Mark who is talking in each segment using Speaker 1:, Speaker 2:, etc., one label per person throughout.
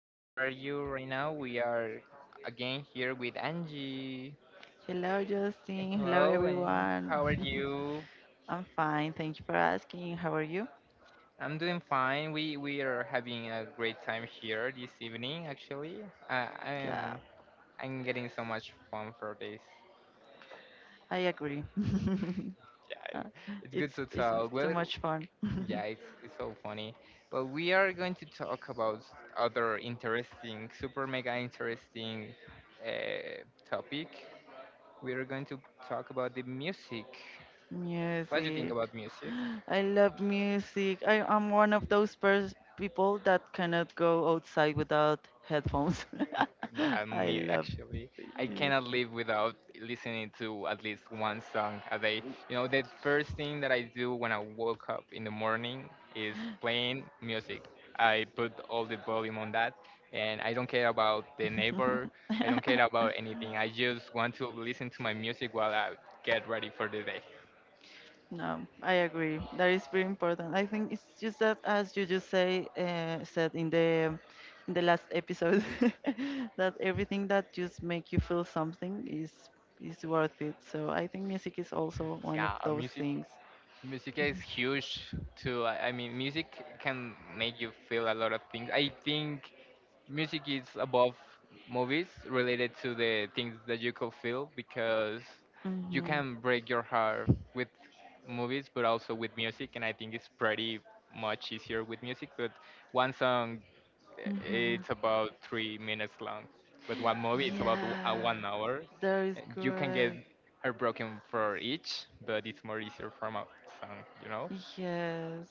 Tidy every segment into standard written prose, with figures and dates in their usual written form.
Speaker 1: How are you right now? We are again here with Angie.
Speaker 2: Hello, Justin. Hello,
Speaker 1: Hello, and
Speaker 2: everyone.
Speaker 1: how are you?
Speaker 2: I'm fine. Thank you for asking. How are you?
Speaker 1: I'm doing fine. We are having a great time here this evening. Actually,
Speaker 2: Yeah,
Speaker 1: I'm getting so much fun for this.
Speaker 2: I agree.
Speaker 1: Yeah,
Speaker 2: Uh,
Speaker 1: it's good
Speaker 2: it's
Speaker 1: to
Speaker 2: it's
Speaker 1: talk.
Speaker 2: too
Speaker 1: Well,
Speaker 2: much fun.
Speaker 1: yeah, it's so funny. Well, we are going to talk about other interesting, super mega interesting uh, topic. We are going to talk about the music. What do you think
Speaker 2: Music.
Speaker 1: about music?
Speaker 2: I love music. I'm one of those people that cannot go outside without headphones.
Speaker 1: Yeah,
Speaker 2: I
Speaker 1: me
Speaker 2: love.
Speaker 1: actually, I
Speaker 2: Yes.
Speaker 1: cannot live without listening to at least one song a day. You know, the first thing that I do when I woke up in the morning is playing music. I put all the volume on that, and I don't care about the neighbor. I don't care about anything. I just want to listen to my music while I get ready for the day.
Speaker 2: No, I agree. That is pretty important. I think it's just that, as you just said in the last episode, that everything that just make you feel something is worth it. So I think music is also one of
Speaker 1: Yeah,
Speaker 2: those things.
Speaker 1: Music is huge too. I mean, music can make you feel a lot of things. I think music is above movies related to the things that you could feel because you
Speaker 2: Mhm.
Speaker 1: can break your heart with movies, but also with music. And I think it's pretty much easier with music. But one song
Speaker 2: Mhm.
Speaker 1: it's about 3 minutes long, but one movie it's about
Speaker 2: Yeah,
Speaker 1: 1 hour.
Speaker 2: that is
Speaker 1: And you can get
Speaker 2: correct.
Speaker 1: heartbroken for each, but it's more easier from a song, you know?
Speaker 2: Yes,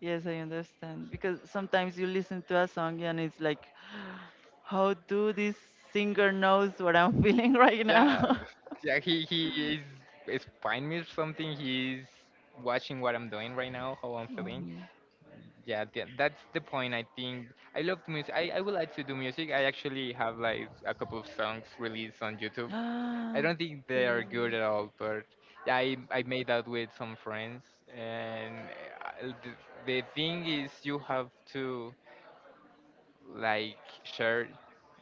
Speaker 2: yes, I understand. Because sometimes you listen to a song and it's like, how do this singer knows what I'm feeling right
Speaker 1: Yeah,
Speaker 2: now?
Speaker 1: yeah. He is fine with something. He's watching what I'm doing right now, how I'm feeling.
Speaker 2: Mhm.
Speaker 1: Yeah, that's the point. I think I love music. I would like to do music. I actually have like a couple of songs released on YouTube. I
Speaker 2: Ah,
Speaker 1: don't think they are good
Speaker 2: really?
Speaker 1: at all, but yeah, I made that with some friends, and uh, the, the thing is you have to like share,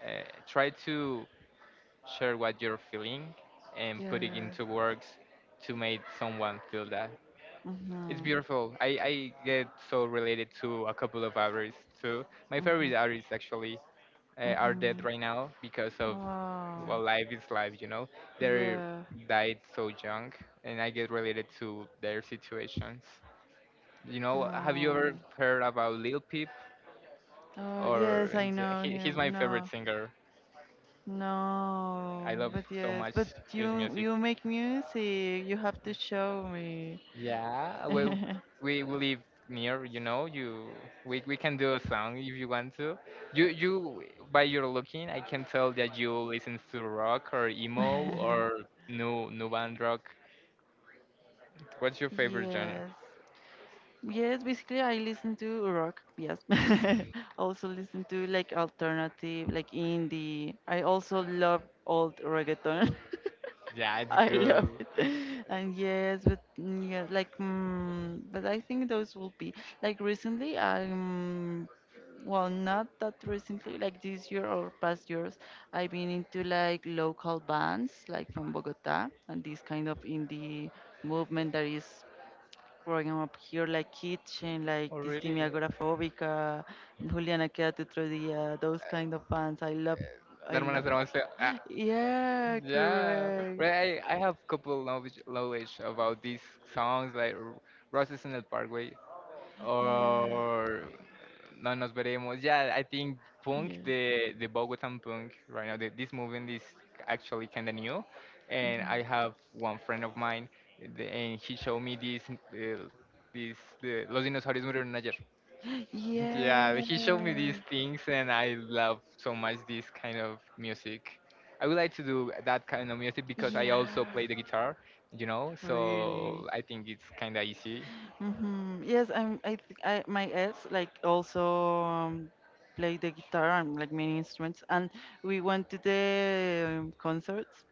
Speaker 1: try to share what you're feeling and put it
Speaker 2: Yeah.
Speaker 1: into words to make someone feel that. It's
Speaker 2: Mm-hmm.
Speaker 1: beautiful. I get so related to a couple of artists too. My favorite
Speaker 2: Mhm.
Speaker 1: artist actually are dead
Speaker 2: Mhm.
Speaker 1: right now because of
Speaker 2: Oh.
Speaker 1: well, life is life, you know. They
Speaker 2: Yeah.
Speaker 1: died so young, and I get related to their situations. You know, have you ever
Speaker 2: Oh.
Speaker 1: heard about Lil Peep?
Speaker 2: Oh
Speaker 1: Or
Speaker 2: yes, I know
Speaker 1: he, he's my
Speaker 2: him.
Speaker 1: favorite
Speaker 2: No,
Speaker 1: singer.
Speaker 2: no,
Speaker 1: I love
Speaker 2: but
Speaker 1: so
Speaker 2: yes,
Speaker 1: much
Speaker 2: but
Speaker 1: his
Speaker 2: you
Speaker 1: music.
Speaker 2: you make music. You have to show me.
Speaker 1: Yeah, well, we live near, you know. You we can do a song if you want to. You by your looking, I can tell that you listen to rock or emo or new band rock. What's your favorite genre?
Speaker 2: Yes. Yes, basically I listen to rock. Yes, I also listen to like alternative, like indie. I also love old reggaeton.
Speaker 1: Yeah, it's
Speaker 2: I love
Speaker 1: good.
Speaker 2: it. And yes, but yeah, like, but I think those will be like recently. I'm Well, not that recently, like this year or past years. I've been into like local bands, like from Bogota, and this kind of indie movement that is growing up here, like Kitchen,
Speaker 1: Oh,
Speaker 2: like
Speaker 1: really?
Speaker 2: Distimi Agoraphobica, Juliana Quédate Otro Día, those kind of bands. I love,
Speaker 1: La
Speaker 2: I
Speaker 1: hermana
Speaker 2: love
Speaker 1: Sara
Speaker 2: it.
Speaker 1: wants to- ah,
Speaker 2: Yeah,
Speaker 1: yeah.
Speaker 2: correct.
Speaker 1: Well, I have couple knowledge about these songs like Roses in the Parkway
Speaker 2: Yeah,
Speaker 1: or No Nos Veremos. Yeah, I think
Speaker 2: yeah.
Speaker 1: the Bogotan punk right now, this movement is actually kind of new. And
Speaker 2: Mhm.
Speaker 1: I have one friend of mine and he showed me this, the Los Dinosaurios Murieron Ayer.
Speaker 2: Yeah,
Speaker 1: Yeah, he showed me these things, and I love so much this kind of music. I would like to do that kind of music because I also
Speaker 2: yeah.
Speaker 1: play the guitar, you know, so
Speaker 2: Really.
Speaker 1: I think it's kind of easy.
Speaker 2: Hmm. Yes, I'm. I, th- I my ex like also play the guitar and like many instruments, and we went to the concerts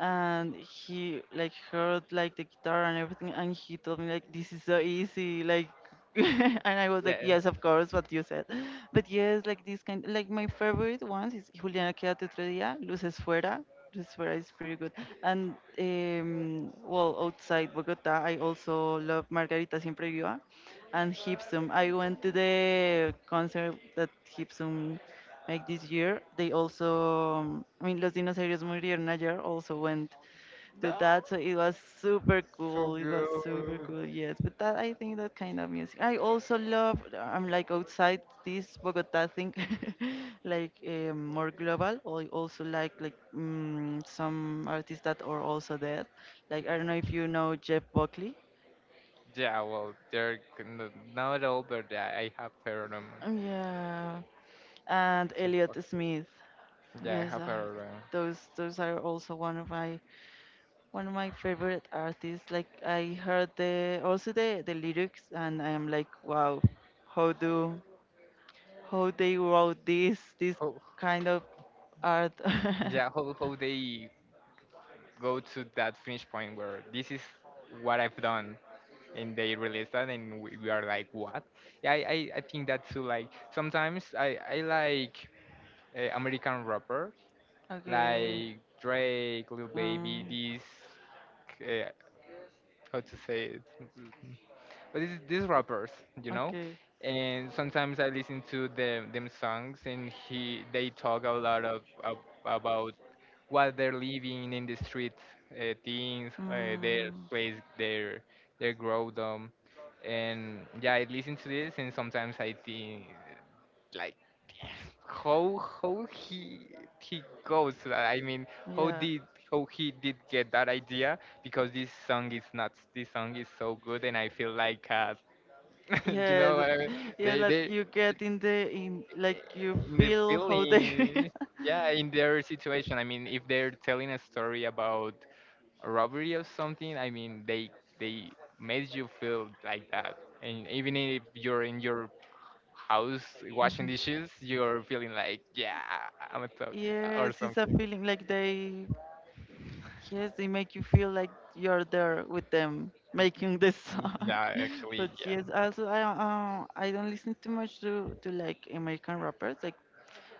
Speaker 2: and he like heard like the guitar and everything and he told me like this is so easy like and I was like
Speaker 1: Yeah.
Speaker 2: yes of course what you said. But yes, like this kind, like my favorite ones is Juliana Quédate otro día, Luces Fuera. Luces Fuera is pretty good. And well, outside Bogota I also love Margarita Siempre Viva and Hipsum. I went to the concert that Hipsum like this year. They also, I mean, Los Dinosaurios Murieron Ayer also went to
Speaker 1: No,
Speaker 2: that, so it was super
Speaker 1: so
Speaker 2: cool. It was super
Speaker 1: good.
Speaker 2: cool, yes. But that, I think that kind of music I also love. I'm like outside this Bogota thing, like more global. I also like some artists that are also dead. Like I don't know if you know Jeff Buckley.
Speaker 1: Yeah, well, they're not at all, but yeah, I have heard them.
Speaker 2: Yeah, and Elliot Smith.
Speaker 1: Yeah, I
Speaker 2: Yes,
Speaker 1: have heard them.
Speaker 2: those are also one of my One of my favorite artists, like I heard the also the lyrics and I am like wow, how do how they wrote this
Speaker 1: How,
Speaker 2: kind of art.
Speaker 1: yeah, how they go to that finish point where this is what I've done, and they released that and we are like, what? Yeah, I think that too. Like sometimes I like American rapper,
Speaker 2: Okay.
Speaker 1: like Drake, Lil Baby,
Speaker 2: Um,
Speaker 1: these, uh, how to say it, but these rappers, you know.
Speaker 2: okay.
Speaker 1: And sometimes I listen to them songs, and he they talk a lot of about what they're living in the street, their
Speaker 2: Mm,
Speaker 1: place, their grow them, and yeah, I listen to this, and sometimes I think like how he goes to that. I mean, how
Speaker 2: yeah.
Speaker 1: did how he did get that idea? Because this song is nuts. This song is so good, and I feel like you
Speaker 2: Yes,
Speaker 1: know what I mean?
Speaker 2: yeah,
Speaker 1: They
Speaker 2: like
Speaker 1: they
Speaker 2: you get in the in like you
Speaker 1: in the
Speaker 2: feel how they
Speaker 1: feeling, yeah, in
Speaker 2: yeah.
Speaker 1: their situation. I mean, if they're telling a story about a robbery or something, I mean, they made you feel like that, and even if you're in your house washing
Speaker 2: Mhm.
Speaker 1: dishes, you're feeling like, yeah, I'm a thug or
Speaker 2: Yes, it's a
Speaker 1: something.
Speaker 2: feeling like they, yes, they make you feel like you're there with them making the song.
Speaker 1: Yeah, actually,
Speaker 2: But
Speaker 1: yeah.
Speaker 2: yes, also I don't listen too much to like American rappers. Like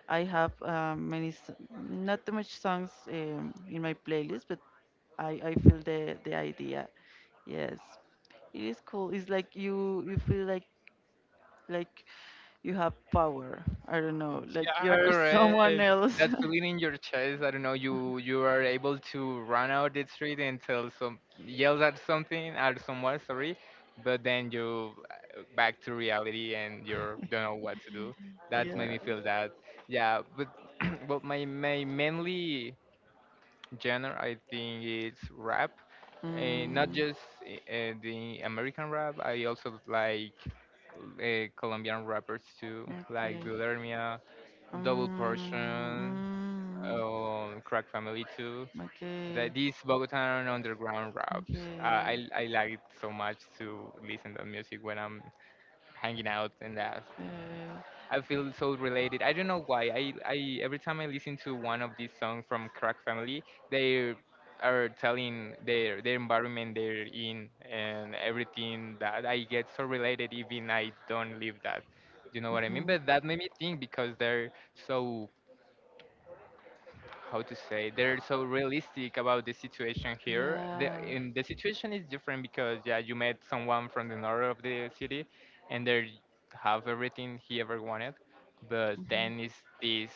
Speaker 2: I have many not too much songs in my playlist, but I feel the idea. Yes, it is cool. It's like you feel like you have power. I don't know. Like
Speaker 1: Yeah,
Speaker 2: you're
Speaker 1: correct.
Speaker 2: someone else.
Speaker 1: That feeling in your chest, I don't know, you are able to run out the street and tell some yell at something at someone, sorry, but then you back to reality and you don't know what to do. That made
Speaker 2: Yeah.
Speaker 1: me feel that. Yeah, but well, my mainly genre I think it's rap, and not
Speaker 2: Mm,
Speaker 1: just the American rap. I also like Colombian rappers too, like
Speaker 2: okay.
Speaker 1: Bulermia, Double
Speaker 2: Mm,
Speaker 1: Portion,
Speaker 2: mm,
Speaker 1: Crack Family too. That
Speaker 2: okay.
Speaker 1: these Bogotan underground raps.
Speaker 2: Okay.
Speaker 1: I like it so much to listen to music when I'm hanging out and that.
Speaker 2: Uh,
Speaker 1: I feel so related. I don't know why. I, every time I listen to one of these songs from Crack Family, they are telling their environment they're in, and everything that I get so related even I don't live that. You know what I mean?
Speaker 2: mhm.
Speaker 1: But that made me think because they're so, how to say, they're so realistic about the situation here. The
Speaker 2: Yeah.
Speaker 1: in the situation is different because yeah, you met someone from the north of the city, and they have everything he ever wanted, but
Speaker 2: Mm-hmm.
Speaker 1: then is this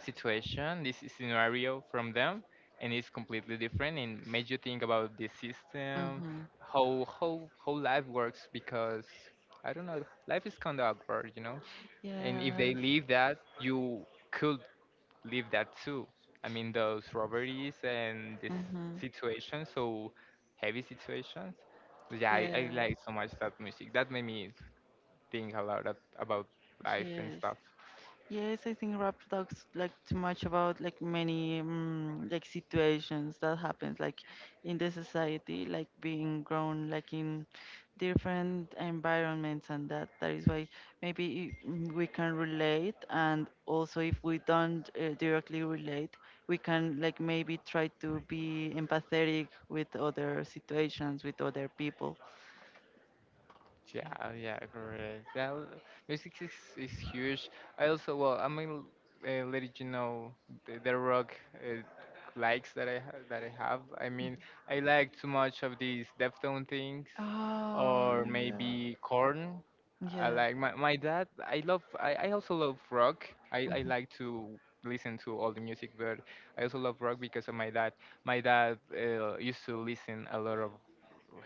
Speaker 1: situation, this scenario from them, and it's completely different and made you think about the system,
Speaker 2: Mm-hmm.
Speaker 1: how how life works. Because I don't know, life is kind of awkward, you know. And if they
Speaker 2: Yes.
Speaker 1: leave that, you could live that too. I mean, those robberies and this
Speaker 2: Mm-hmm.
Speaker 1: situation, so heavy situations. But yeah, I
Speaker 2: Yes.
Speaker 1: like so much that music. That made me think a lot of, about life and
Speaker 2: Yes.
Speaker 1: stuff.
Speaker 2: Yes, I think rap talks like too much about like many like situations that happens like in the society, like being grown like in different environments and that is why maybe we can relate and also if we don't directly relate, we can like maybe try to be empathetic with other situations, with other people.
Speaker 1: Yeah,
Speaker 2: Yeah.
Speaker 1: correct. Music is huge. I also, well, I'm gonna let you know the rock likes that that I have. I mean, I like too much of these Deftone things,
Speaker 2: Oh,
Speaker 1: or
Speaker 2: yeah.
Speaker 1: maybe Korn. I
Speaker 2: Yeah.
Speaker 1: like my dad. I love. I also love rock. I like to listen to all the music, but I also love rock because of my dad. My dad used to listen a lot of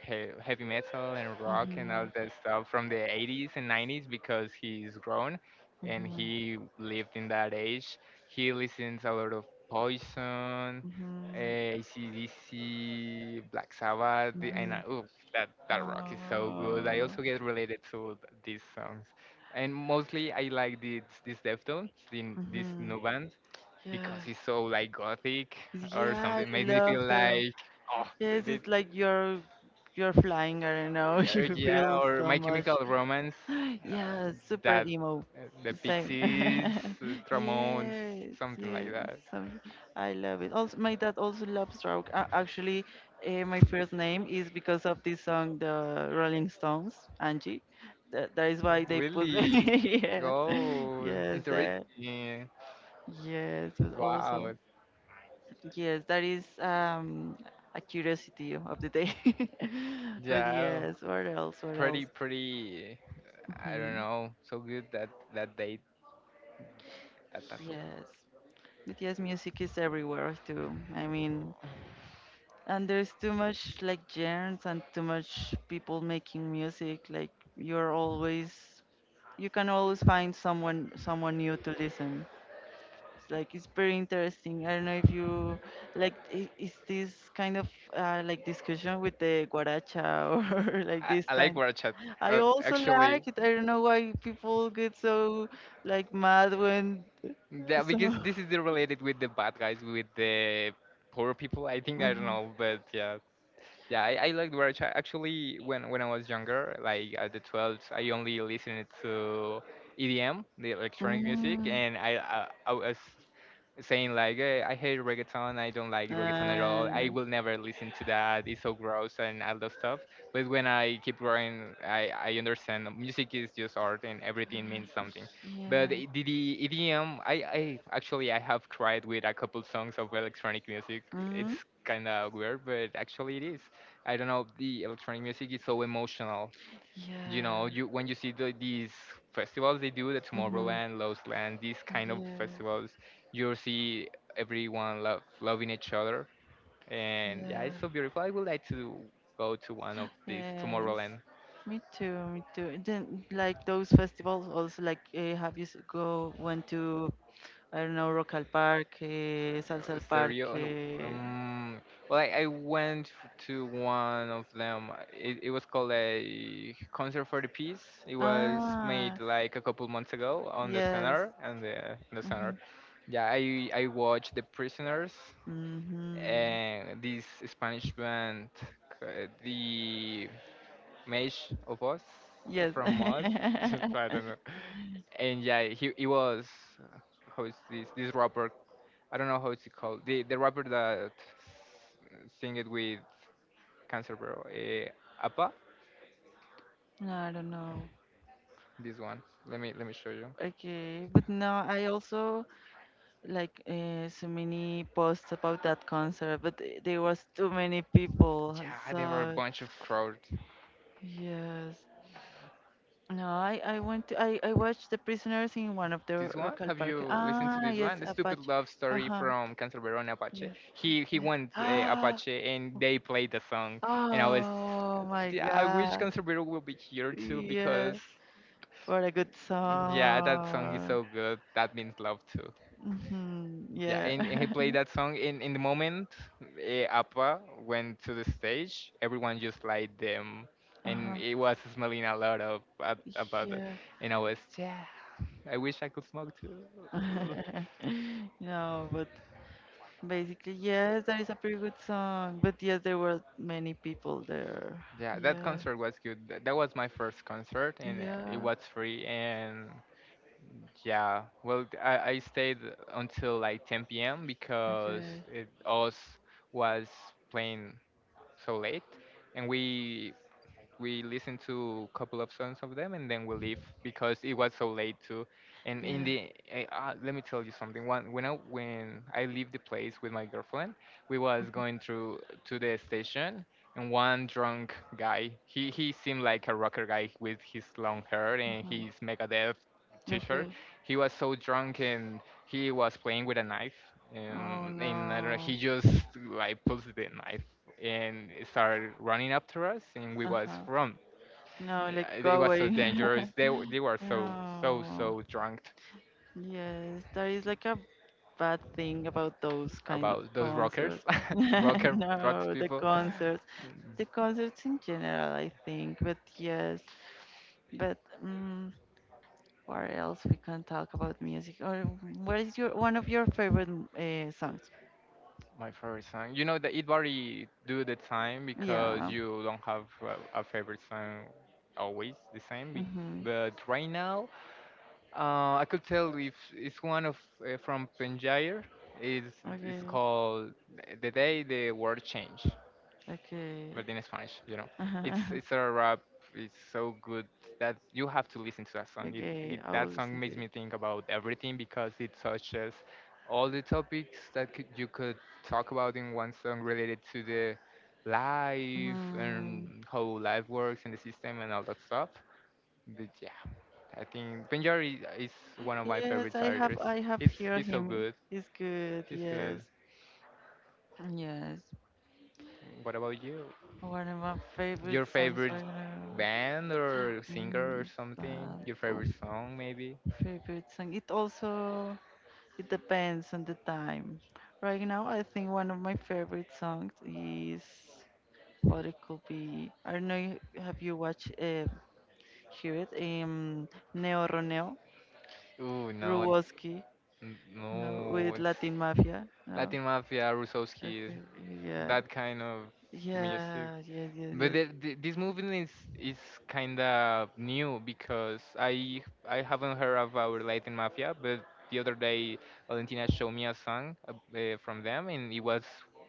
Speaker 1: heavy metal and rock and all that stuff from the 80s and 90s because he's grown and
Speaker 2: Mm-hmm.
Speaker 1: he lived in that age. He listens a lot of Poison,
Speaker 2: Mhm.
Speaker 1: eh, AC/DC, Black Sabbath, and I,
Speaker 2: Mhm.
Speaker 1: ooh, that that rock is so good. I
Speaker 2: Oh.
Speaker 1: also get related to these songs, and mostly I like this Deftones, this
Speaker 2: Mhm.
Speaker 1: new band
Speaker 2: Yes.
Speaker 1: because it's so like gothic or
Speaker 2: Yeah,
Speaker 1: something.
Speaker 2: I
Speaker 1: Makes me feel
Speaker 2: love them.
Speaker 1: like, oh,
Speaker 2: Yes, it's like you're flying. I don't know.
Speaker 1: yeah,
Speaker 2: You
Speaker 1: yeah,
Speaker 2: feel
Speaker 1: or
Speaker 2: so
Speaker 1: My
Speaker 2: much.
Speaker 1: Chemical Romance, uh,
Speaker 2: Yeah, super
Speaker 1: that
Speaker 2: emo.
Speaker 1: the
Speaker 2: Same.
Speaker 1: Pixies, Ramones,
Speaker 2: Yes,
Speaker 1: something like
Speaker 2: yes.
Speaker 1: that.
Speaker 2: some- I love it. Also, my dad also loves rock. Actually, my first name is because of this song, the Rolling Stones, Angie. That is why they put me.
Speaker 1: Really?
Speaker 2: Yes,
Speaker 1: Oh,
Speaker 2: yes, that.
Speaker 1: interesting.
Speaker 2: Yes, but also,
Speaker 1: Wow.
Speaker 2: yes, that is a curiosity of the day. But
Speaker 1: Yeah,
Speaker 2: yes, what else? What else?
Speaker 1: pretty, pretty. I don't
Speaker 2: Mhm.
Speaker 1: know. So good that that date. That that's.
Speaker 2: Yes. But yes, music is everywhere too. I mean, and there's too much like genres and too much people making music. Like you're always, you can always find someone new to listen. It's like it's very interesting. I don't know if you like is this kind of like discussion with the guaracha or like this
Speaker 1: I like
Speaker 2: kind.
Speaker 1: War.
Speaker 2: I
Speaker 1: Uh,
Speaker 2: also
Speaker 1: actually,
Speaker 2: like it. I don't know why people get so like mad when
Speaker 1: yeah,
Speaker 2: so.
Speaker 1: because this is the related with the bad guys, with the poor people. I think I don't
Speaker 2: Mhm.
Speaker 1: know, but yeah. Yeah, I like Dwarf. Actually, when I was younger, like at the 12th, I only listened to EDM, the electronic music,
Speaker 2: Mm.
Speaker 1: and I was saying like, eh, I hate reggaeton, I don't like reggaeton at all. I
Speaker 2: Uh,
Speaker 1: will never listen to that. It's so gross and all that stuff. But when I keep growing, I understand that music is just art, and everything means something. But
Speaker 2: yeah.
Speaker 1: the EDM, I actually I have cried with a couple songs of electronic music. It's
Speaker 2: Mm,
Speaker 1: kind of weird, but actually it is. I don't know, the electronic music is so emotional. You know,
Speaker 2: yeah.
Speaker 1: you when you see these festivals they do, the
Speaker 2: Hmm,
Speaker 1: Tomorrowland, Lost Land, these kind of
Speaker 2: yeah.
Speaker 1: festivals, you'll see everyone love loving each other, and yeah, it's
Speaker 2: Yeah.
Speaker 1: so beautiful. I would like to go to one of these
Speaker 2: Yes.
Speaker 1: Tomorrowland.
Speaker 2: Me too, me too. Then like those festivals also like have you s- go went to I don't know Rocal Park, Salsal Park.
Speaker 1: Stereo. And, um, well, I went to one of them. Uh, it was called a concert for the peace. It was made
Speaker 2: Ah,
Speaker 1: like a couple months ago on the
Speaker 2: yes.
Speaker 1: center and the in the center.
Speaker 2: Mm-hmm.
Speaker 1: Yeah, I watched the prisoners
Speaker 2: Mm-hmm.
Speaker 1: and this Spanish band, the Mesh of Us
Speaker 2: Yes.
Speaker 1: from Us. I don't know. And yeah, he was uh, how is this rapper. I don't know how it's called. The rapper that sing it with Cancerbero. Bro. Appa.
Speaker 2: No, I don't know.
Speaker 1: This one. Let me show you.
Speaker 2: Okay, but no, I also like so many posts about that concert, but there was too many people.
Speaker 1: Yeah, there were a
Speaker 2: So
Speaker 1: bunch of crowd.
Speaker 2: yes, no, I went to I watched The Prisoners in one of the
Speaker 1: This one.
Speaker 2: Rockall
Speaker 1: Have
Speaker 2: Park.
Speaker 1: you listened to
Speaker 2: Ah
Speaker 1: this
Speaker 2: yes,
Speaker 1: one? The stupid
Speaker 2: Apache.
Speaker 1: love
Speaker 2: Uh
Speaker 1: story
Speaker 2: huh.
Speaker 1: from Cancerbero and Apache.
Speaker 2: Yes.
Speaker 1: He he
Speaker 2: Yeah.
Speaker 1: went
Speaker 2: Ah.
Speaker 1: Apache and they played the song. And I was,
Speaker 2: Oh my
Speaker 1: yeah, I wish
Speaker 2: God.
Speaker 1: Cancerbero will be here too
Speaker 2: Yeah.
Speaker 1: because
Speaker 2: What a good
Speaker 1: yeah, that song is
Speaker 2: song.
Speaker 1: so good. That means love.
Speaker 2: Hmm,
Speaker 1: Yeah,
Speaker 2: yeah.
Speaker 1: and he played that song in the moment Appa went to the stage. Everyone just liked them, and
Speaker 2: Uh-huh.
Speaker 1: it was smelling a lot of about it.
Speaker 2: Yeah.
Speaker 1: And I was, yeah, I wish I could smoke too.
Speaker 2: No, but basically, yes, that is a pretty good song. But yes, there were many people there.
Speaker 1: Yeah, that
Speaker 2: Yeah,
Speaker 1: concert was good. That was my first concert, and it
Speaker 2: yeah,
Speaker 1: was free. And yeah, I stayed until like 10 p.m. because
Speaker 2: okay,
Speaker 1: it us was playing so late, and we listened to a couple of songs of them and then we leave because it was so late too. And in
Speaker 2: yeah,
Speaker 1: the let me tell you something. One when I leave the place with my girlfriend, we was going through to the station, and one drunk guy. He seemed like a rocker guy with his long hair and
Speaker 2: mhm,
Speaker 1: his Megadeth t-shirt.
Speaker 2: okay.
Speaker 1: He was so drunk and he was playing with a knife,
Speaker 2: Oh
Speaker 1: and I don't know,
Speaker 2: no,
Speaker 1: he just like pulls the knife and started running after us and we was
Speaker 2: uh-huh.
Speaker 1: from.
Speaker 2: No, like
Speaker 1: It
Speaker 2: go
Speaker 1: was so
Speaker 2: away.
Speaker 1: dangerous. They were so so
Speaker 2: No,
Speaker 1: so drunk
Speaker 2: yes, that is like a bad thing about those kind of
Speaker 1: about those rockers,
Speaker 2: concerts.
Speaker 1: rocker rocks
Speaker 2: No,
Speaker 1: people.
Speaker 2: the concerts in general, I think. But yes, but um, what else we can talk about music? Or what is your one of your favorite songs?
Speaker 1: My favorite song. You know that it vary do the time because
Speaker 2: Yeah.
Speaker 1: you don't have a favorite song always the same.
Speaker 2: Mm-hmm.
Speaker 1: But right now, I could tell if it's one of from Penjair. It's it's
Speaker 2: Okay.
Speaker 1: called The Day the World Changed,
Speaker 2: Okay.
Speaker 1: but in Spanish, you know, it's a rap. It's so good that you have to listen to that song. It,
Speaker 2: Okay.
Speaker 1: it
Speaker 2: I will
Speaker 1: that song
Speaker 2: listen to
Speaker 1: makes
Speaker 2: it.
Speaker 1: me think about everything because it touches all the topics that could, you could talk about in one song related to the life and
Speaker 2: Mm.
Speaker 1: how life works and the system and all that stuff. But yeah, I think Benjar is one of my
Speaker 2: Yes,
Speaker 1: favorite
Speaker 2: I have.
Speaker 1: artists.
Speaker 2: I have
Speaker 1: He's
Speaker 2: heard
Speaker 1: he's so
Speaker 2: him.
Speaker 1: good.
Speaker 2: He's good.
Speaker 1: He's good.
Speaker 2: Yes. Yes.
Speaker 1: What about you?
Speaker 2: One of my
Speaker 1: Your
Speaker 2: favorite songs
Speaker 1: favorite
Speaker 2: right now.
Speaker 1: band or singer or
Speaker 2: Mm,
Speaker 1: something?
Speaker 2: but
Speaker 1: Your
Speaker 2: oh,
Speaker 1: favorite song maybe?
Speaker 2: favorite song. It also, it depends on the time. Right now, I think one of my favorite songs is what it could be. I don't know. Have you watched hear it? Neo Roneo
Speaker 1: Ooh, no,
Speaker 2: Ruwoski, no,
Speaker 1: no,
Speaker 2: with
Speaker 1: it's
Speaker 2: Latin Mafia, no.
Speaker 1: Latin Mafia, Rusowski,
Speaker 2: Okay, yeah,
Speaker 1: that kind of music.
Speaker 2: yeah, yes, yes,
Speaker 1: But
Speaker 2: yes.
Speaker 1: this movement is kind of new because I haven't heard about Latin Mafia, but the other day Valentina showed me a song from them, and it was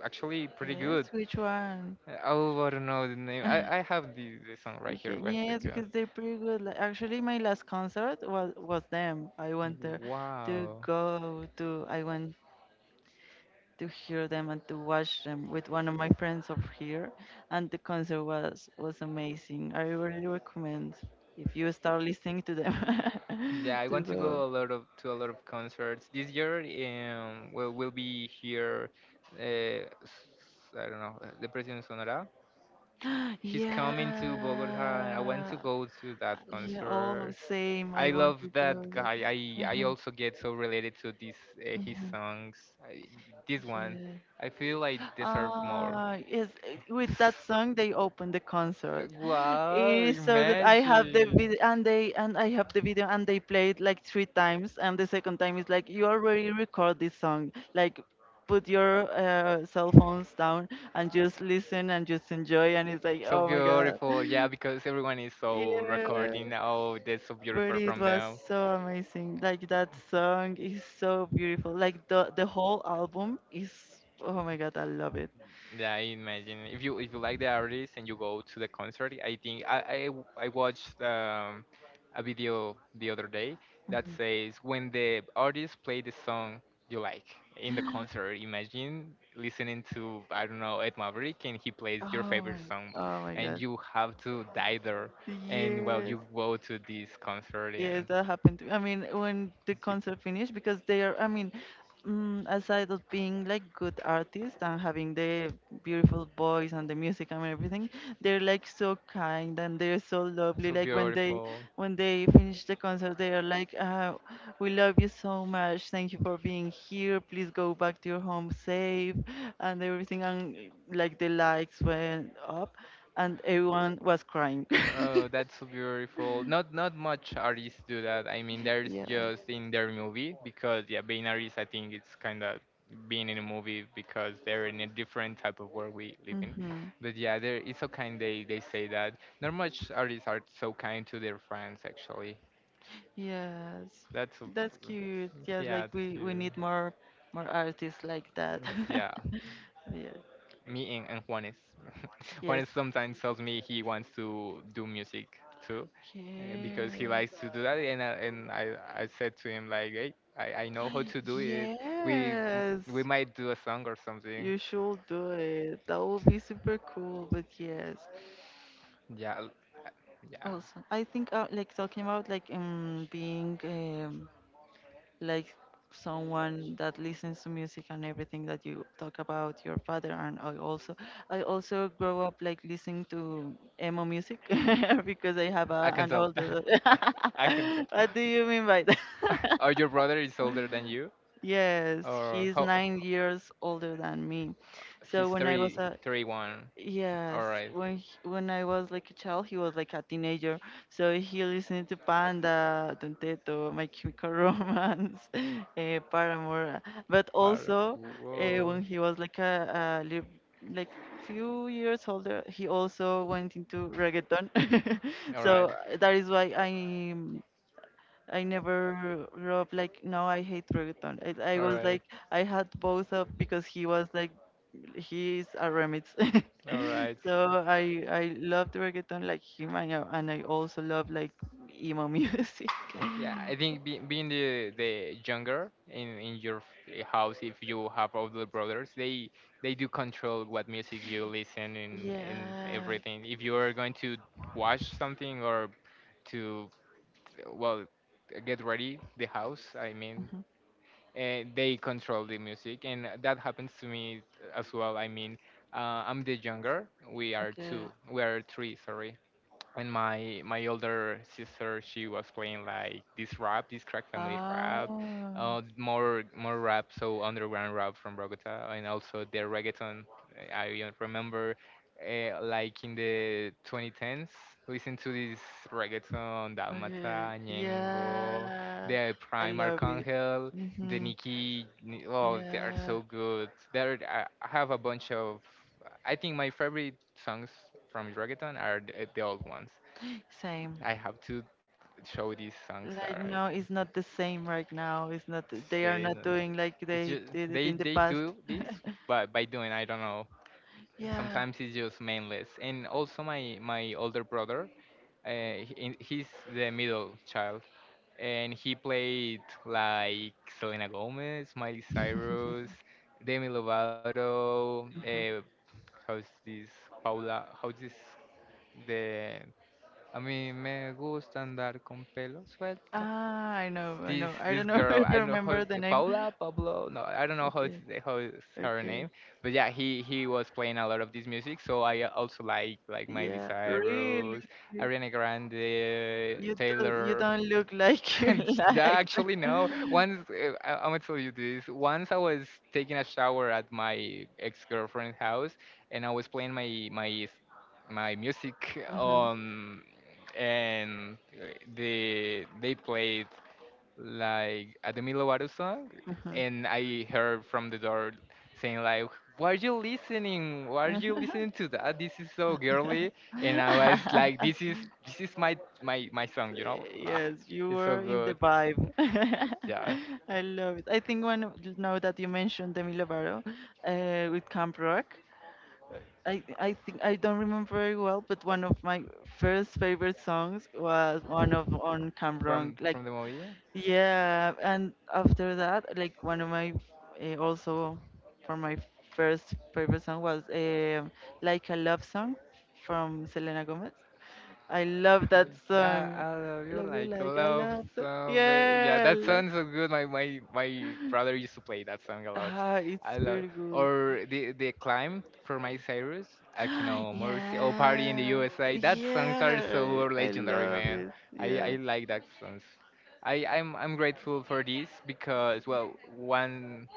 Speaker 1: actually pretty
Speaker 2: Yes,
Speaker 1: good.
Speaker 2: which one?
Speaker 1: Oh, I don't know the name. I have the song right here.
Speaker 2: Okay.
Speaker 1: One
Speaker 2: Yes,
Speaker 1: second.
Speaker 2: because they're pretty good. Like, actually, my last concert was them. I went there to
Speaker 1: Wow.
Speaker 2: go to. I went to hear them and to watch them with one of my friends over here, and the concert was amazing. I really recommend if you start listening to them
Speaker 1: Yeah, I
Speaker 2: to
Speaker 1: want to
Speaker 2: go.
Speaker 1: go a lot of concerts this year. We'll be here. Uh, s- I don't know. The President Sonora. He's coming to Bogota. I want
Speaker 2: Yeah.
Speaker 1: to go to that
Speaker 2: Yeah. Oh,
Speaker 1: concert.
Speaker 2: same.
Speaker 1: I
Speaker 2: I want
Speaker 1: love
Speaker 2: to
Speaker 1: that
Speaker 2: go there.
Speaker 1: guy. I I also get so related to these
Speaker 2: Uh-huh.
Speaker 1: his
Speaker 2: Mhm.
Speaker 1: songs.
Speaker 2: Yeah.
Speaker 1: This one, I feel I deserve more.
Speaker 2: Ah, yes, with that song they opened the concert.
Speaker 1: Wow!
Speaker 2: It is so good. I have the
Speaker 1: Imagine.
Speaker 2: video and they and I have the video and they play it like three times, and the second time is like you already record this song. Like put your cell phones down and just listen and just enjoy and it's like
Speaker 1: So
Speaker 2: oh my god.
Speaker 1: beautiful, yeah, because everyone is so
Speaker 2: Yeah.
Speaker 1: recording. Oh, that's so
Speaker 2: But
Speaker 1: beautiful
Speaker 2: it
Speaker 1: from
Speaker 2: was
Speaker 1: them.
Speaker 2: so amazing. Like that song is so beautiful. Like the whole album is oh my god, I love it.
Speaker 1: Yeah, I imagine if you like the artist and you go to the concert, I think I watched a video the other day that
Speaker 2: Mhm.
Speaker 1: says when the artist play the song you like in the concert. Imagine listening to I don't know Ed Maverick and he plays your
Speaker 2: Oh
Speaker 1: favorite
Speaker 2: my,
Speaker 1: song,
Speaker 2: oh my
Speaker 1: and
Speaker 2: god.
Speaker 1: you have to die there, and well
Speaker 2: Yes.
Speaker 1: you go to this concert
Speaker 2: Yes,
Speaker 1: and
Speaker 2: that happened to me. I mean, when the
Speaker 1: you
Speaker 2: concert finished, because they are, I mean, aside of being like good artists and having the beautiful voice and the music and everything, they're like so kind and they're so lovely.
Speaker 1: so
Speaker 2: Like when they
Speaker 1: beautiful.
Speaker 2: when they finish the concert, they are like, "We love you so much. Thank you for being here. Please go back to your home safe," and everything. And like the lights went up, and everyone was crying.
Speaker 1: Oh, that's so beautiful. Not much artists do that. I mean, there's
Speaker 2: Yeah.
Speaker 1: just in their movie because yeah, being artist, I think it's kind of being in a movie because they're in a different type of world we live in.
Speaker 2: Hmm,
Speaker 1: But yeah, there it's so kind they say that. Not much artists are so kind to their friends actually.
Speaker 2: yes,
Speaker 1: That's so-
Speaker 2: that's cute. Yes,
Speaker 1: yeah,
Speaker 2: like
Speaker 1: that's
Speaker 2: we
Speaker 1: cute.
Speaker 2: we need more artists like that.
Speaker 1: Yeah.
Speaker 2: Yeah.
Speaker 1: Me and Juanes.
Speaker 2: Yes.
Speaker 1: Juanes sometimes tells me he wants to do music too, because he
Speaker 2: Yes.
Speaker 1: likes to do that. I said to him like, hey, I know how to do it.
Speaker 2: Yes.
Speaker 1: We might do a song or something.
Speaker 2: You should do it. That would be super cool. But yes.
Speaker 1: Yeah, l- yeah.
Speaker 2: Also, I think like talking about like being like someone that listens to music and everything that you talk about your father and I also grow up like listening to emo music, because I have
Speaker 1: I
Speaker 2: a,
Speaker 1: can
Speaker 2: an
Speaker 1: tell.
Speaker 2: older
Speaker 1: I can tell.
Speaker 2: what do you mean by that?
Speaker 1: Or your brother is older than you,
Speaker 2: Yes,
Speaker 1: or
Speaker 2: he's
Speaker 1: how?
Speaker 2: 9 years older than me, so
Speaker 1: He's
Speaker 2: when I was
Speaker 1: 30,
Speaker 2: a.
Speaker 1: 31. All
Speaker 2: Yes,
Speaker 1: right.
Speaker 2: when when I was like a child, he was like a teenager, so he listened to Panda, Don Teto, My Chemical Romance, Paramore. But
Speaker 1: Wow.
Speaker 2: also,
Speaker 1: Whoa.
Speaker 2: when he was like like few years older, he also went into reggaeton.
Speaker 1: All right.
Speaker 2: So that is why I never love, like, no, I hate reggaeton. I
Speaker 1: All
Speaker 2: was
Speaker 1: right.
Speaker 2: like I had both of because he was like he is a remix.
Speaker 1: All right.
Speaker 2: So I loved reggaeton like him and I also love like emo music.
Speaker 1: Yeah, I think being the younger in your house, if you have older brothers, they do control what music you listen and
Speaker 2: Yeah.
Speaker 1: everything. If you are going to watch something or to well get ready the house, I mean
Speaker 2: Mhm.
Speaker 1: they control the music and that happens to me as well. I mean, I'm the younger. We are
Speaker 2: Okay.
Speaker 1: two, we are three, sorry. And my older sister she was playing like this rap, this crack family rap,
Speaker 2: Ah.
Speaker 1: more rap, so underground rap from Bogota, and also the reggaeton. I Remember like in the 2010s listen to this reggaeton
Speaker 2: Okay.
Speaker 1: Dalmata, Ñengo,
Speaker 2: Yeah.
Speaker 1: the
Speaker 2: I
Speaker 1: prime
Speaker 2: love it.
Speaker 1: Archangel, the
Speaker 2: Mhm.
Speaker 1: Nikki, oh, they are
Speaker 2: Yeah.
Speaker 1: so good. There, I have a bunch of. I think my favorite songs from reggaeton are the old ones.
Speaker 2: Same.
Speaker 1: I have to show these songs
Speaker 2: Like
Speaker 1: are.
Speaker 2: no, it's not the same right now. It's not. They are not doing like
Speaker 1: It's
Speaker 2: they
Speaker 1: just
Speaker 2: did it in the
Speaker 1: they
Speaker 2: past.
Speaker 1: do this, but by doing I don't know.
Speaker 2: Yeah.
Speaker 1: Sometimes it's just mindless. And also my older brother, uh, he's the middle child, and he played like Selena Gomez, Miley Cyrus, Demi Lovato.
Speaker 2: Mhm.
Speaker 1: How's this Paula? How's this the? I mean, me gusta andar con pelo suelto.
Speaker 2: Ah, I know, I
Speaker 1: This
Speaker 2: know. I
Speaker 1: this
Speaker 2: don't know
Speaker 1: girl,
Speaker 2: if
Speaker 1: I
Speaker 2: you
Speaker 1: don't know how
Speaker 2: remember the
Speaker 1: it's,
Speaker 2: name.
Speaker 1: Paula Pablo. No, I don't know how it's
Speaker 2: Okay,
Speaker 1: how is her
Speaker 2: okay.
Speaker 1: name. But yeah, he was playing a lot of this music. So I also like Miley
Speaker 2: Yeah, really.
Speaker 1: Cyrus,
Speaker 2: You
Speaker 1: Ariana Grande,
Speaker 2: you
Speaker 1: Taylor.
Speaker 2: don't look like you
Speaker 1: And yeah,
Speaker 2: like
Speaker 1: actually, no.
Speaker 2: that.
Speaker 1: Once I'm gonna tell you this. Once I was taking a shower at my ex-girlfriend's house, and I was playing my music
Speaker 2: Mhm,
Speaker 1: on, and they played like a Demi Lovato song, and I heard from the door saying like, "Why are you listening? Why are you
Speaker 2: mhm.
Speaker 1: listening to that? This is so girly." And I was like, This is my song, you know." Ah,
Speaker 2: Yes, you
Speaker 1: it's so
Speaker 2: were in the
Speaker 1: good.
Speaker 2: vibe.
Speaker 1: Yeah,
Speaker 2: I love it. I think now that you mentioned Demi Lovato, with Camp Rock, I think I don't remember very well, but one of my first favorite songs was one of on Camp Rock. Like
Speaker 1: from the movie.
Speaker 2: yeah, and after that, like one of my also for my first favorite song was like a love song from Selena Gomez. I love that song.
Speaker 1: I love you
Speaker 2: Love you
Speaker 1: like a
Speaker 2: like I
Speaker 1: love
Speaker 2: love.
Speaker 1: song. Yeah,
Speaker 2: Yeah.
Speaker 1: that sounds so good. My brother used to play that song a lot.
Speaker 2: Ah, it's
Speaker 1: I love
Speaker 2: pretty good.
Speaker 1: or the climb for my Cyrus, Akino Mercy, oh Party in the
Speaker 2: Yeah.
Speaker 1: USA. That songs are
Speaker 2: Yeah.
Speaker 1: so
Speaker 2: I
Speaker 1: legendary,
Speaker 2: love
Speaker 1: man.
Speaker 2: it.
Speaker 1: I
Speaker 2: Yes.
Speaker 1: like that songs. I'm grateful for this because well one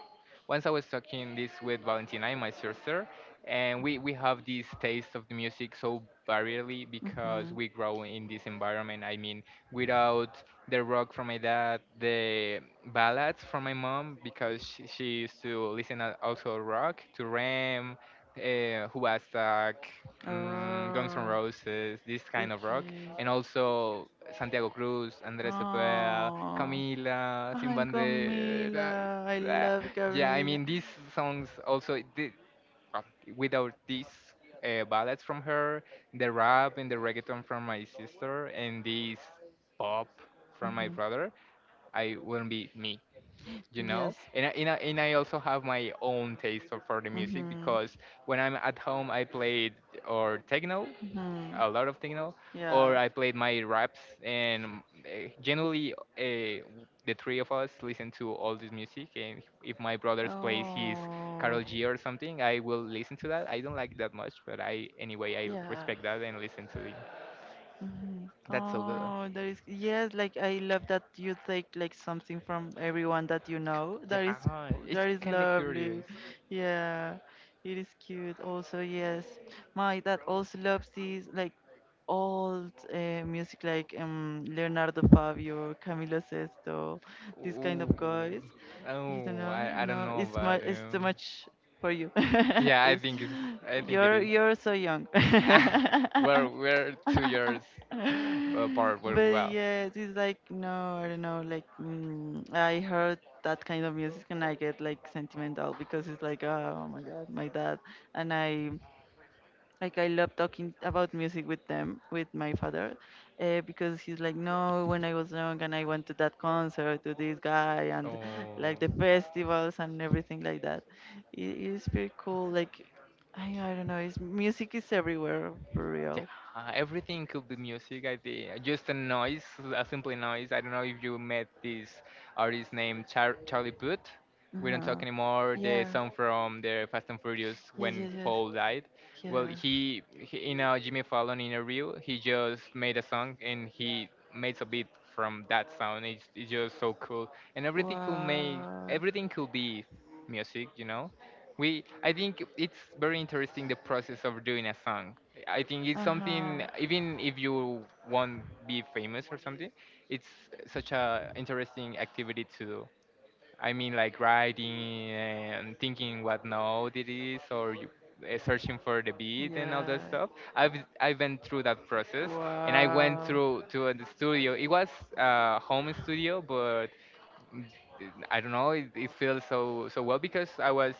Speaker 1: once I was talking this with Valentina, my sister, and we have this taste of the music so variedly because
Speaker 2: Mm-hmm.
Speaker 1: we grow in this environment. I mean, without the rock from my dad, the ballads from my mom because she used to listen also rock to Ram, who like Guns N'
Speaker 2: Oh.
Speaker 1: Roses, this kind of rock,
Speaker 2: Okay.
Speaker 1: and also Santiago Cruz, Andrés Cepeda,
Speaker 2: Oh.
Speaker 1: Camila, Sin
Speaker 2: Ay,
Speaker 1: Banderas.
Speaker 2: Camila. I love
Speaker 1: Yeah, I
Speaker 2: Camila.
Speaker 1: mean, these songs also, uh, without these ballads from her, the rap and the reggaeton from my sister, and this pop from my
Speaker 2: Mm-hmm.
Speaker 1: brother, I wouldn't be me, you
Speaker 2: Yes.
Speaker 1: know? And I also have my own taste for the music
Speaker 2: Mm-hmm.
Speaker 1: because when I'm at home, I played or techno,
Speaker 2: Mhm.
Speaker 1: a lot of techno, or
Speaker 2: Yeah.
Speaker 1: I played my raps. And the three of us listen to all this music. And if my brother plays his
Speaker 2: Oh,
Speaker 1: Carol G or something, I will listen to that. I don't like that much, but I anyway I
Speaker 2: yeah.
Speaker 1: respect that and listen to it.
Speaker 2: Mhm.
Speaker 1: That's so good.
Speaker 2: Oh, that is yes. Like I love that you take like something from everyone that you know. That is
Speaker 1: Yeah, it's
Speaker 2: that is
Speaker 1: kind of
Speaker 2: lovely.
Speaker 1: curious.
Speaker 2: Yeah, it is cute. Also, yes, my dad also loves these like old music, like Leonardo Fabio, Camilo Sesto, these kind of
Speaker 1: Ooh.
Speaker 2: guys. You don't
Speaker 1: Oh,
Speaker 2: know?
Speaker 1: I don't
Speaker 2: No,
Speaker 1: know
Speaker 2: it's
Speaker 1: about
Speaker 2: much. It's too
Speaker 1: him.
Speaker 2: much for you.
Speaker 1: Yeah, I
Speaker 2: it's
Speaker 1: think it's I think it is.
Speaker 2: you're so young. But
Speaker 1: We're 2 years apart, but wow.
Speaker 2: yes, it's like no, I don't know. Like I heard that kind of music and I get like sentimental because it's like, oh my god, my dad and I like I love talking about music with them, with my father, because he's like, no, when I was young and I went to that concert to this guy and like the
Speaker 1: 哦，
Speaker 2: festivals and everything like that. It is pretty cool. Like, I don't know. Music is everywhere for real.
Speaker 1: Yeah, everything could be music. I think just a noise, a simple noise. I don't know if you met this artist named Charlie Puth. We don't talk
Speaker 2: Uh-huh.
Speaker 1: anymore. The
Speaker 2: Yeah.
Speaker 1: song from the Fast and Furious
Speaker 2: Yes. Yes.
Speaker 1: when
Speaker 2: Yes.
Speaker 1: Paul died. Well,
Speaker 2: Yeah.
Speaker 1: he in a Jimmy Fallon interview, he just made a song and he made a beat from that sound. It's just so cool, and
Speaker 2: Wow.
Speaker 1: everything could be music. You know, we I think it's very interesting the process of doing a song. I think it's
Speaker 2: Uh huh.
Speaker 1: something even if you won't be famous or something, it's such a interesting activity to do. I mean, like writing and thinking what note it is, or you, searching for the beat and all that
Speaker 2: Yeah.
Speaker 1: stuff. I've I went through that process, and I went
Speaker 2: Wow.
Speaker 1: through to the studio. It was a home studio, but mm, I don't know. It feels so so well because I was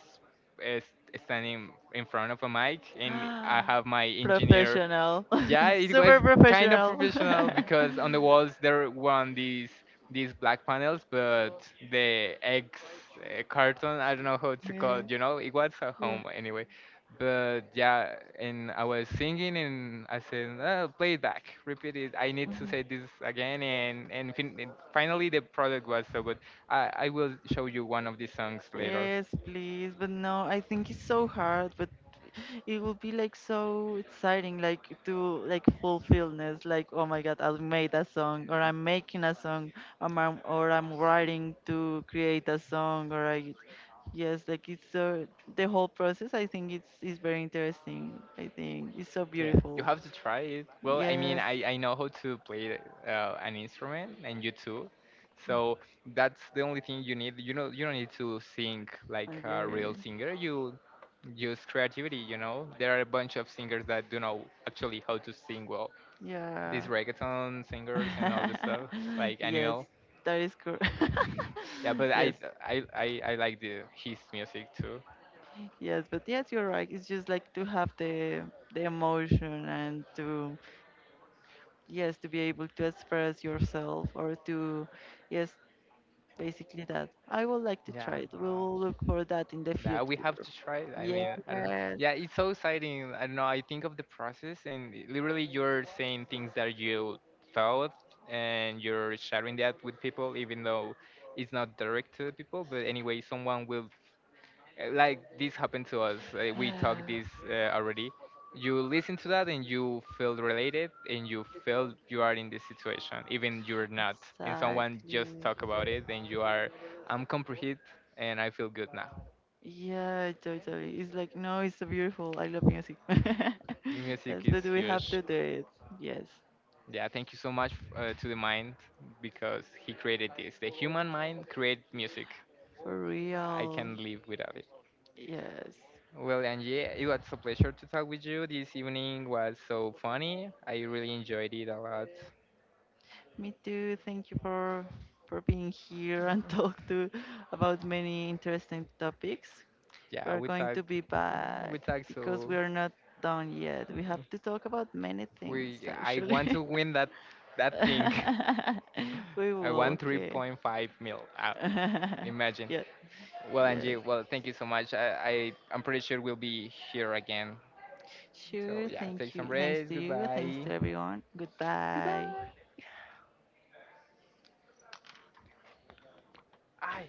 Speaker 1: uh, standing in front of a mic and I
Speaker 2: Ah,
Speaker 1: have my engineer.
Speaker 2: professional.
Speaker 1: Yeah, it was
Speaker 2: Super
Speaker 1: kind of
Speaker 2: professional.
Speaker 1: professional because on the walls there were these black panels, but the eggs carton I don't know how it's
Speaker 2: Yeah.
Speaker 1: called. You know, it was a
Speaker 2: Yeah.
Speaker 1: home anyway. But yeah, and I was singing and I said, oh, play it back, repeat it. I need to
Speaker 2: Mhm.
Speaker 1: say this again. And finally, the product was so good. I will show you one of these songs later.
Speaker 2: Yes, please. But no, I think it's so hard. But it would be like so exciting, like to like fulfillness, like oh my God, I've made a song, or I'm making a song, or I'm writing to create a song, or I, yes, like it's so the whole process. I think it's is very interesting. I think it's so
Speaker 1: Yeah. You
Speaker 2: beautiful.
Speaker 1: have to try it. Well, I mean,
Speaker 2: Yes.
Speaker 1: I know how to play an instrument, and you too. So that's the only thing you need. You know, you don't need to sing like a real
Speaker 2: Okay.
Speaker 1: singer. You use creativity. You know, there are a bunch of singers that do know actually how to sing well.
Speaker 2: Yeah.
Speaker 1: These reggaeton singers and all this stuff, like
Speaker 2: Yes,
Speaker 1: Annuel.
Speaker 2: that is correct.
Speaker 1: Yeah, but
Speaker 2: Yes.
Speaker 1: I like the his music too.
Speaker 2: Yes, but yes, you're right. It's just like to have the emotion and to yes, to be able to express yourself or to yes, basically that. I would like to try
Speaker 1: Yeah.
Speaker 2: it. We will look for that in the
Speaker 1: That we have
Speaker 2: future.
Speaker 1: to try it. I
Speaker 2: Yes,
Speaker 1: mean, I don't know. Yeah, it's so exciting. I don't know. I think of the process, and literally, you're saying things that you thought, and you're sharing that with people, even though it's not direct to the people. But anyway, someone will like this happened to us. We talked
Speaker 2: yeah,
Speaker 1: this already. You listen to that, and you feel related, and you feel you are in this situation, even you're not. And someone just
Speaker 2: exactly.
Speaker 1: talk about it, and you are, I'm comprehend, and I feel good.
Speaker 2: Yeah, totally. Totally. It's like, no, it's so beautiful. I love music.
Speaker 1: The music
Speaker 2: Yes,
Speaker 1: is
Speaker 2: but we have
Speaker 1: huge.
Speaker 2: to do it. Yes,
Speaker 1: Yeah, thank you so much to the mind because he created this. The human mind create music.
Speaker 2: for
Speaker 1: I
Speaker 2: real.
Speaker 1: can't live without it.
Speaker 2: Yes.
Speaker 1: Well, and yeah, it was a pleasure to talk with you. This evening was so funny. I really enjoyed it a lot.
Speaker 2: Me too. Thank you for being here and talk to about many interesting topics. We
Speaker 1: Yeah,
Speaker 2: are going to be back
Speaker 1: we talk.
Speaker 2: because
Speaker 1: So
Speaker 2: we are not done yet. We have to talk about many things
Speaker 1: we, I want to
Speaker 2: actually.
Speaker 1: win that, that thing.
Speaker 2: We
Speaker 1: I
Speaker 2: will,
Speaker 1: want
Speaker 2: okay.
Speaker 1: 3.5 mil. Imagine.
Speaker 2: Yeah,
Speaker 1: Well, Angie,
Speaker 2: yes.
Speaker 1: well, thank you so much. I'm pretty sure we'll be here again. So
Speaker 2: Sure.
Speaker 1: yeah, take
Speaker 2: Thank you.
Speaker 1: some
Speaker 2: Thanks
Speaker 1: rest.
Speaker 2: to you. Thanks
Speaker 1: Goodbye.
Speaker 2: to everyone. Goodbye.
Speaker 1: Goodbye. Ay,